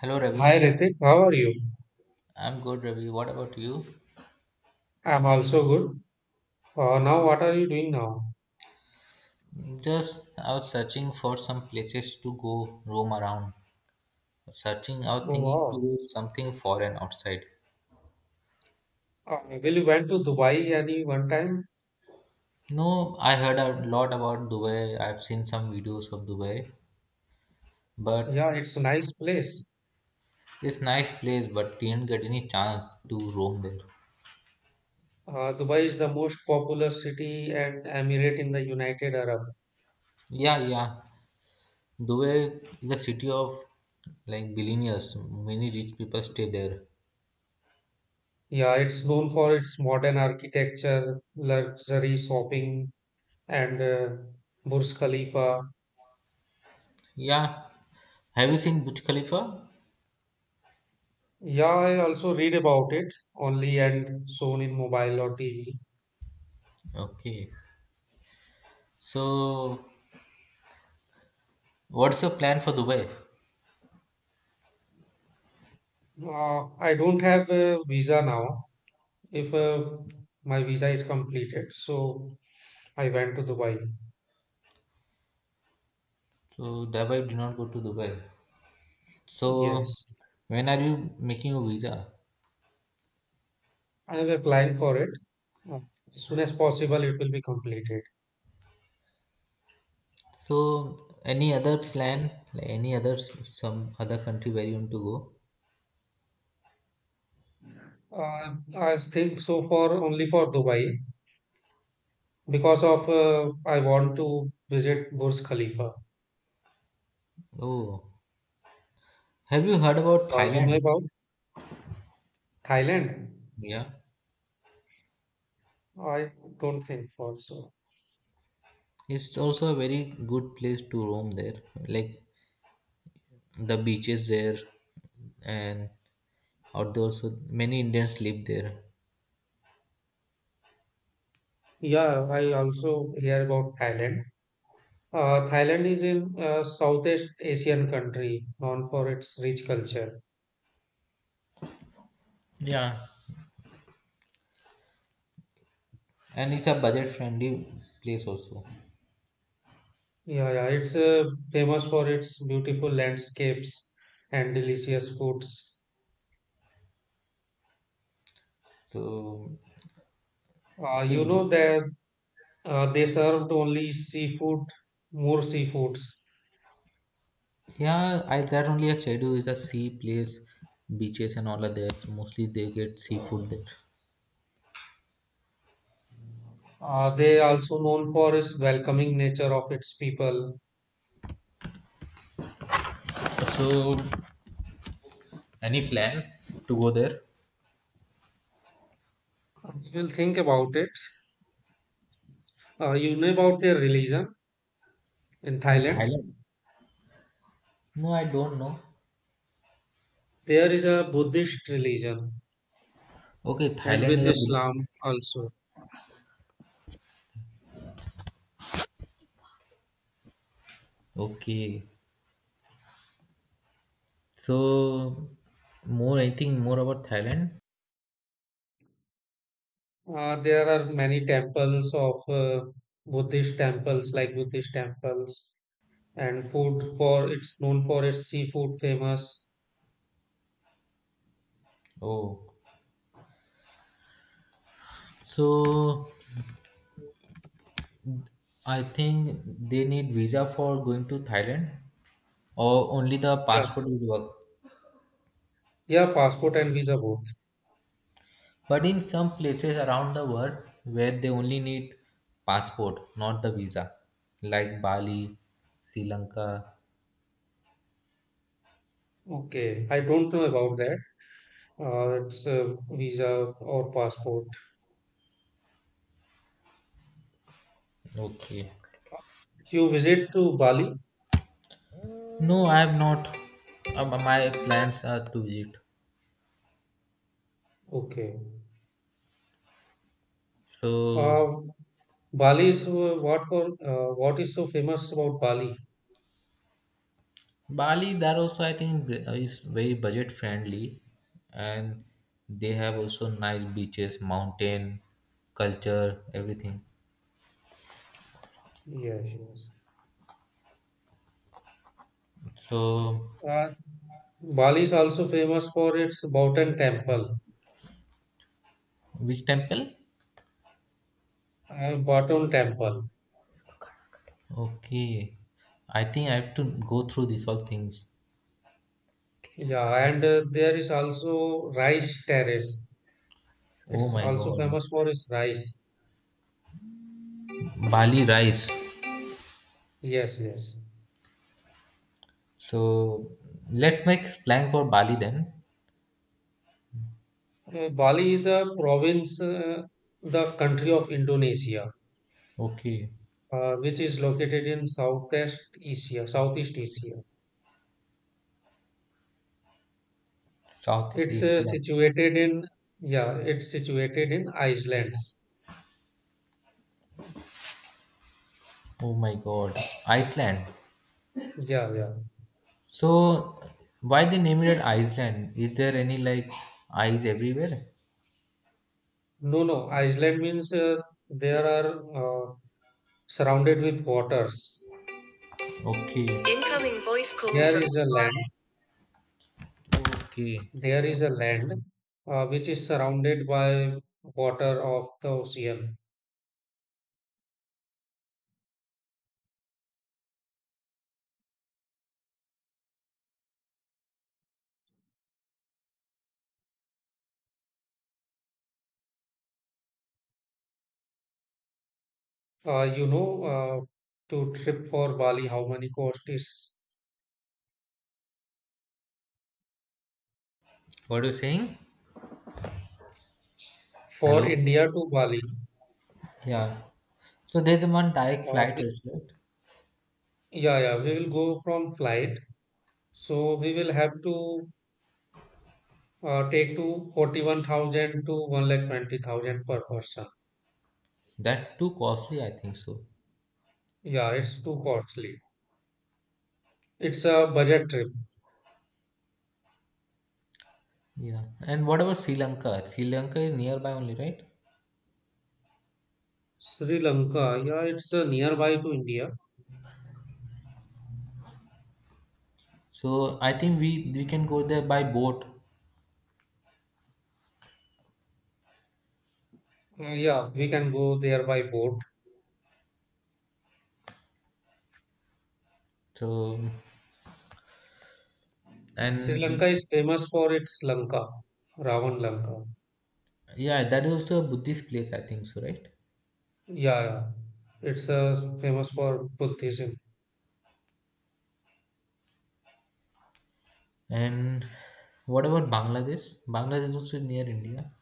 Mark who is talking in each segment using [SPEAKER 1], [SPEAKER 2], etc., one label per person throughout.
[SPEAKER 1] Hello
[SPEAKER 2] Hi
[SPEAKER 1] Ravi,
[SPEAKER 2] Ritik, how are you?
[SPEAKER 1] I'm good Ravi. What about you?
[SPEAKER 2] I'm also good. Now, what are you doing now?
[SPEAKER 1] Just I was searching for some places to go roam around. Searching out,
[SPEAKER 2] Oh,
[SPEAKER 1] thinking to
[SPEAKER 2] wow.
[SPEAKER 1] do something foreign outside.
[SPEAKER 2] Well, you went to Dubai any one time?
[SPEAKER 1] No, I heard a lot about Dubai. I've seen some videos of Dubai, but
[SPEAKER 2] Yeah, it's a nice place.
[SPEAKER 1] it's nice place, but didn't get any chance to roam there.
[SPEAKER 2] Dubai is the most popular city and emirate in the United Arab.
[SPEAKER 1] Yeah, yeah. Dubai is a city of like billionaires. Many rich people stay there.
[SPEAKER 2] Yeah, it's known for its modern architecture, luxury shopping, and Burj Khalifa.
[SPEAKER 1] Yeah. Have you seen Burj Khalifa?
[SPEAKER 2] Yeah, I also read about it only and shown in mobile or TV.
[SPEAKER 1] Okay. So, what's your plan for Dubai?
[SPEAKER 2] I don't have a visa now, if my visa is completed. So I went to Dubai.
[SPEAKER 1] So, Dubai did not go to Dubai. So,
[SPEAKER 2] Yes,
[SPEAKER 1] when are you making a visa?
[SPEAKER 2] I am applying for it. Uh, as soon as possible, it will be completed.
[SPEAKER 1] So, any other plan? Like any other some other country where you want to go?
[SPEAKER 2] I think so for only for Dubai because of I want to visit Burj Khalifa.
[SPEAKER 1] Oh, have you heard about
[SPEAKER 2] You
[SPEAKER 1] Thailand?
[SPEAKER 2] know about Thailand?
[SPEAKER 1] Yeah,
[SPEAKER 2] I don't think for so.
[SPEAKER 1] it's also a very good place to roam there. Like the beaches there, and out there also many Indians live there.
[SPEAKER 2] Yeah, I also hear about Thailand. Thailand is in Southeast Asian country known for its rich culture.
[SPEAKER 1] Yeah, and it's a budget friendly place also.
[SPEAKER 2] Yeah, yeah, it's famous for its beautiful landscapes and delicious foods.
[SPEAKER 1] So So
[SPEAKER 2] You know that they served only seafood, more seafoods.
[SPEAKER 1] yeah, I that only I schedule is a sea place, beaches and all are there. So mostly they get seafood there.
[SPEAKER 2] They also known for its welcoming nature of its people.
[SPEAKER 1] So any plan to go there
[SPEAKER 2] You will think about it. You know about their religion in
[SPEAKER 1] in
[SPEAKER 2] Thailand.
[SPEAKER 1] Thailand? No, I don't know.
[SPEAKER 2] There is a Buddhist religion,
[SPEAKER 1] Okay,
[SPEAKER 2] and
[SPEAKER 1] Thailand
[SPEAKER 2] with
[SPEAKER 1] is a Buddhist.
[SPEAKER 2] Islam also.
[SPEAKER 1] Okay, so more I think more about Thailand.
[SPEAKER 2] There are many temples of Buddhist temples, like Buddhist temples and food for it's known for its seafood famous.
[SPEAKER 1] Oh, so I think they need visa for going to Thailand, or only the
[SPEAKER 2] Yeah.
[SPEAKER 1] passport will work.
[SPEAKER 2] Yeah, passport and visa both.
[SPEAKER 1] But in some places around the world where they only need passport, not the visa, like Bali, Sri Lanka.
[SPEAKER 2] Okay, I don't know about that. It's visa or passport.
[SPEAKER 1] Okay.
[SPEAKER 2] You visit to Bali?
[SPEAKER 1] No, I have not. My plans are to visit.
[SPEAKER 2] Okay.
[SPEAKER 1] So
[SPEAKER 2] Uh, Bali is what for? What is so famous about Bali?
[SPEAKER 1] Bali, that also I think is very budget friendly, and they have also nice beaches, mountain, culture, everything.
[SPEAKER 2] Yes, yes.
[SPEAKER 1] So
[SPEAKER 2] Uh, Bali is also famous for its Bauten temple,
[SPEAKER 1] which temple?
[SPEAKER 2] Baton temple.
[SPEAKER 1] Okay, I think I have to go through these all things.
[SPEAKER 2] Yeah, and there is also rice terrace.
[SPEAKER 1] Oh
[SPEAKER 2] It's
[SPEAKER 1] my
[SPEAKER 2] also
[SPEAKER 1] God.
[SPEAKER 2] famous for its rice.
[SPEAKER 1] Bali rice.
[SPEAKER 2] Yes, yes.
[SPEAKER 1] So let's make plan for Bali then.
[SPEAKER 2] Bali is a province, the country of Indonesia,
[SPEAKER 1] Okay.
[SPEAKER 2] which is located in Southeast Asia.
[SPEAKER 1] Southeast
[SPEAKER 2] It's
[SPEAKER 1] Asia.
[SPEAKER 2] yeah, it's situated in Iceland.
[SPEAKER 1] Oh my God. Iceland.
[SPEAKER 2] Yeah, yeah.
[SPEAKER 1] So why they named it Iceland? Is there any like ice everywhere?
[SPEAKER 2] No, no, Iceland means there are surrounded with waters.
[SPEAKER 1] Okay. Incoming voice call
[SPEAKER 2] There
[SPEAKER 1] from
[SPEAKER 2] is a land,
[SPEAKER 1] Forest. Okay.
[SPEAKER 2] there is a land which is surrounded by water of the ocean. You know, to trip for Bali, how many cost is
[SPEAKER 1] What are you saying?
[SPEAKER 2] for
[SPEAKER 1] Hello?
[SPEAKER 2] India to Bali?
[SPEAKER 1] Yeah. So there's one direct
[SPEAKER 2] Uh,
[SPEAKER 1] flight
[SPEAKER 2] the-
[SPEAKER 1] also, right?
[SPEAKER 2] yeah, yeah, we will go from flight. So we will have to take to 41,000 to 1,20,000 per person.
[SPEAKER 1] That too costly, I think so.
[SPEAKER 2] Yeah, it's too costly. It's a budget trip.
[SPEAKER 1] Yeah. And what about Sri Lanka? Sri Lanka is nearby only, right?
[SPEAKER 2] Sri Lanka, yeah, it's nearby to India.
[SPEAKER 1] So I think we can go there by boat.
[SPEAKER 2] Yeah, we can go there by boat.
[SPEAKER 1] So
[SPEAKER 2] Sri Lanka
[SPEAKER 1] and
[SPEAKER 2] is famous for its Lanka, Ravan Lanka.
[SPEAKER 1] yeah, that is also a Buddhist place, I think so, right?
[SPEAKER 2] Yeah, yeah. It's famous for Buddhism.
[SPEAKER 1] And what about Bangladesh? Bangladesh is also near India.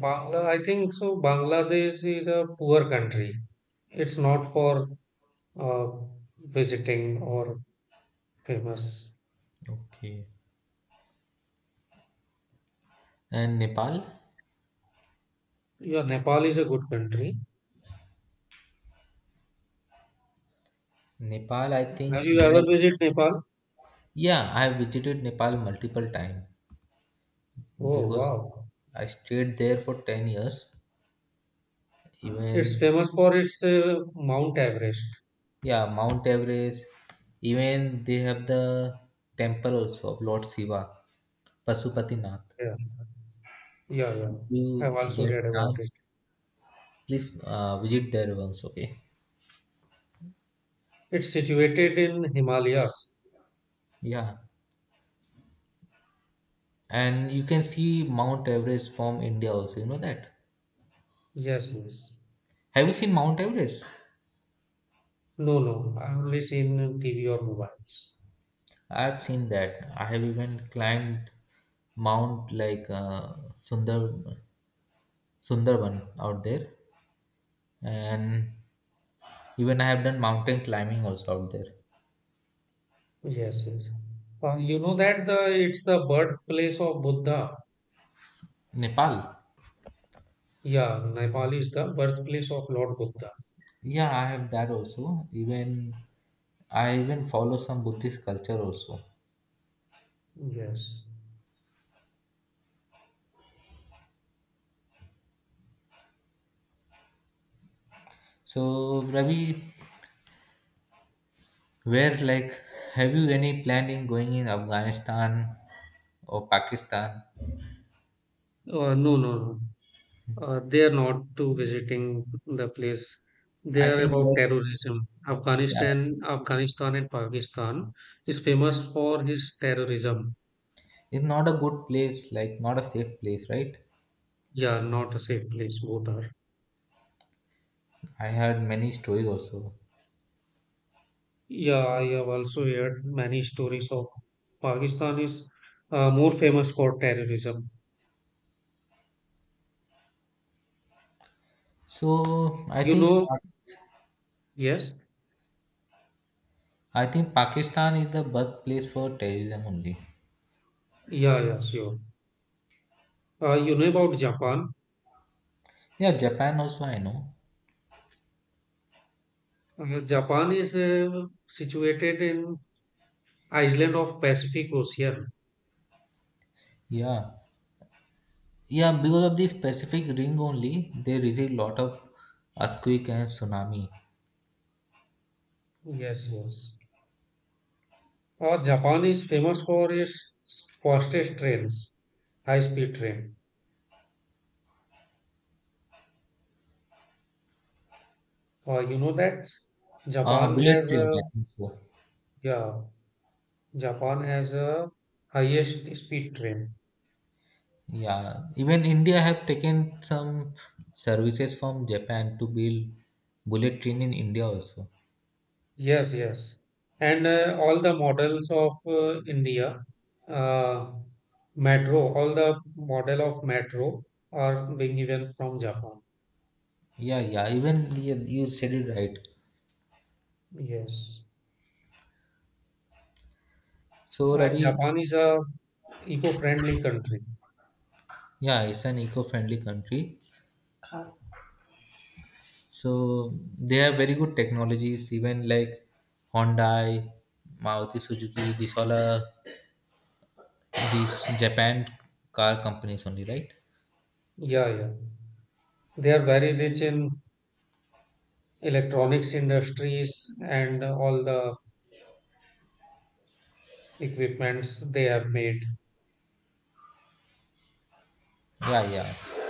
[SPEAKER 2] Bangla, I think so. Bangladesh is a poor country. It's not for uh, visiting or famous.
[SPEAKER 1] Okay. And Nepal?
[SPEAKER 2] Yeah, Nepal is a good country.
[SPEAKER 1] Nepal, I think
[SPEAKER 2] Have you
[SPEAKER 1] they
[SPEAKER 2] ever
[SPEAKER 1] have.
[SPEAKER 2] visited Nepal?
[SPEAKER 1] Yeah, I have visited Nepal multiple times
[SPEAKER 2] Oh,
[SPEAKER 1] because
[SPEAKER 2] wow.
[SPEAKER 1] I stayed there for 10 years.
[SPEAKER 2] It's
[SPEAKER 1] Even,
[SPEAKER 2] famous for its Mount Everest.
[SPEAKER 1] yeah, Mount Everest, even they have the temple also of Lord Shiva, Pashupatinath.
[SPEAKER 2] Yeah, yeah, yeah. I've
[SPEAKER 1] You
[SPEAKER 2] also
[SPEAKER 1] get
[SPEAKER 2] heard about it.
[SPEAKER 1] chance, please visit there once, okay?
[SPEAKER 2] It's situated in Himalayas.
[SPEAKER 1] Yeah. And you can see Mount Everest from India also, you know that?
[SPEAKER 2] Yes, yes.
[SPEAKER 1] Have you seen Mount Everest?
[SPEAKER 2] No, no. I've only seen in TV or mobiles.
[SPEAKER 1] I have seen that. I have even climbed Mount like Sundar Sundarban out there. And even I have done mountain climbing also out there.
[SPEAKER 2] Yes, yes. You know that the it's the birthplace of Buddha.
[SPEAKER 1] Nepal.
[SPEAKER 2] Yeah, Nepal is the birthplace of Lord Buddha.
[SPEAKER 1] Yeah, I have that also. Even I even follow some Buddhist culture also.
[SPEAKER 2] Yes.
[SPEAKER 1] So Ravi, Where like have you any plan in going in Afghanistan or Pakistan?
[SPEAKER 2] No, no, no. They are not to visiting the place. They
[SPEAKER 1] I
[SPEAKER 2] are
[SPEAKER 1] think
[SPEAKER 2] about
[SPEAKER 1] that
[SPEAKER 2] terrorism.
[SPEAKER 1] yeah,
[SPEAKER 2] Afghanistan and Pakistan is famous for his terrorism.
[SPEAKER 1] it's not a good place, like not a safe place, right?
[SPEAKER 2] Yeah, not a safe place, both are.
[SPEAKER 1] I heard many stories also.
[SPEAKER 2] Yeah, I have also heard many stories of Pakistan is more famous for terrorism.
[SPEAKER 1] So I
[SPEAKER 2] You
[SPEAKER 1] think
[SPEAKER 2] know, yes.
[SPEAKER 1] I think Pakistan is the birthplace for terrorism only.
[SPEAKER 2] Yeah, yeah, sure. You know about Japan.
[SPEAKER 1] Yeah, Japan also I know.
[SPEAKER 2] Japan is situated in island of Pacific Ocean.
[SPEAKER 1] Yeah. Yeah, because of this Pacific ring only, they receive lot of earthquake and tsunami.
[SPEAKER 2] Yes, yes. Japan is famous for its fastest trains, high-speed train. You know that Japan
[SPEAKER 1] Bullet
[SPEAKER 2] has
[SPEAKER 1] train,
[SPEAKER 2] a
[SPEAKER 1] I think so.
[SPEAKER 2] yeah, Japan has a highest speed train.
[SPEAKER 1] Yeah, even India have taken some services from Japan to build bullet train in India also.
[SPEAKER 2] Yes, yes. And all the models of India, uh, metro, all the model of metro are being given from Japan.
[SPEAKER 1] Yeah, yeah, even you said it right.
[SPEAKER 2] Yes.
[SPEAKER 1] So
[SPEAKER 2] And
[SPEAKER 1] Ravi,
[SPEAKER 2] Japan is a eco-friendly country.
[SPEAKER 1] yeah, it's an eco-friendly country. So they have very good technologies, even like Hyundai, Maruti Suzuki, these all are these Japan car companies only, right?
[SPEAKER 2] Yeah, yeah. They are very rich in electronics industries and all the equipments they have made.
[SPEAKER 1] Yeah, yeah.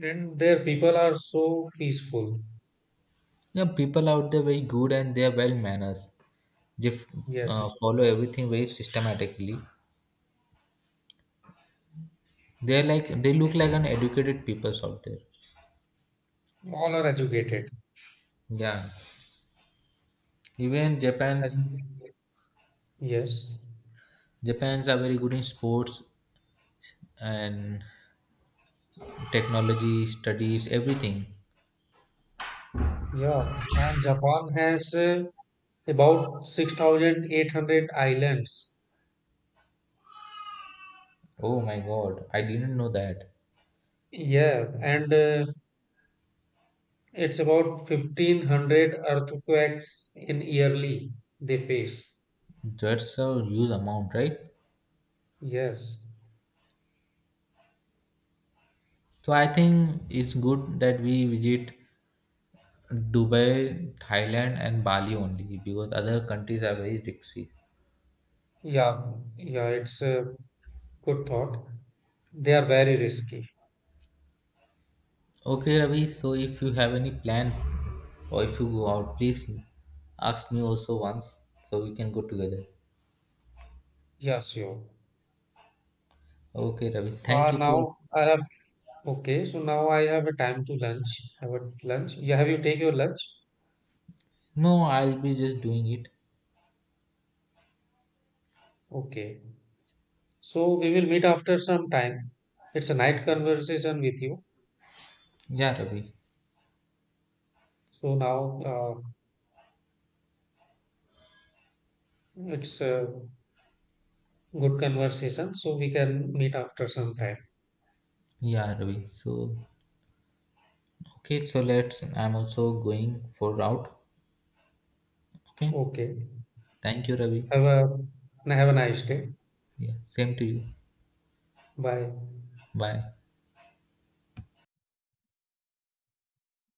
[SPEAKER 2] And their people are so peaceful.
[SPEAKER 1] Yeah, people out there very good and they are well manners. They f-
[SPEAKER 2] Yes.
[SPEAKER 1] Follow everything very systematically. They're like they look like an educated peoples out there.
[SPEAKER 2] All are educated.
[SPEAKER 1] Yeah, even
[SPEAKER 2] Educated. Yes.
[SPEAKER 1] Japan's are very good in sports and technology, studies, everything.
[SPEAKER 2] Yeah, and Japan has about 6,800 islands.
[SPEAKER 1] Oh my God, I didn't know that.
[SPEAKER 2] Yeah, and it's about 1,500 earthquakes in yearly they face.
[SPEAKER 1] That's a huge amount, right?
[SPEAKER 2] Yes.
[SPEAKER 1] So I think it's good that we visit Dubai, Thailand, and Bali only because other countries are very risky.
[SPEAKER 2] Yeah, yeah, it's a good thought. They are very risky.
[SPEAKER 1] Okay, Ravi. So if you have any plan or if you go out, please ask me also once so we can go together.
[SPEAKER 2] Yeah, sure.
[SPEAKER 1] Okay, Ravi.
[SPEAKER 2] Uh,
[SPEAKER 1] Thank you for.
[SPEAKER 2] now I have, okay, so now I have a time to lunch. Have a lunch. Yeah, have you take your lunch?
[SPEAKER 1] No, I'll be just doing it.
[SPEAKER 2] Okay. So we will meet after some time. It's a night conversation with you.
[SPEAKER 1] Yeah, Ravi.
[SPEAKER 2] So now it's a good conversation. So we can meet after some time.
[SPEAKER 1] Yeah, Ravi. So okay, so let's. I'm also going for out. Okay.
[SPEAKER 2] Okay.
[SPEAKER 1] Thank you, Ravi.
[SPEAKER 2] Have a have a nice day.
[SPEAKER 1] Yeah. Same to you.
[SPEAKER 2] Bye.
[SPEAKER 1] Bye.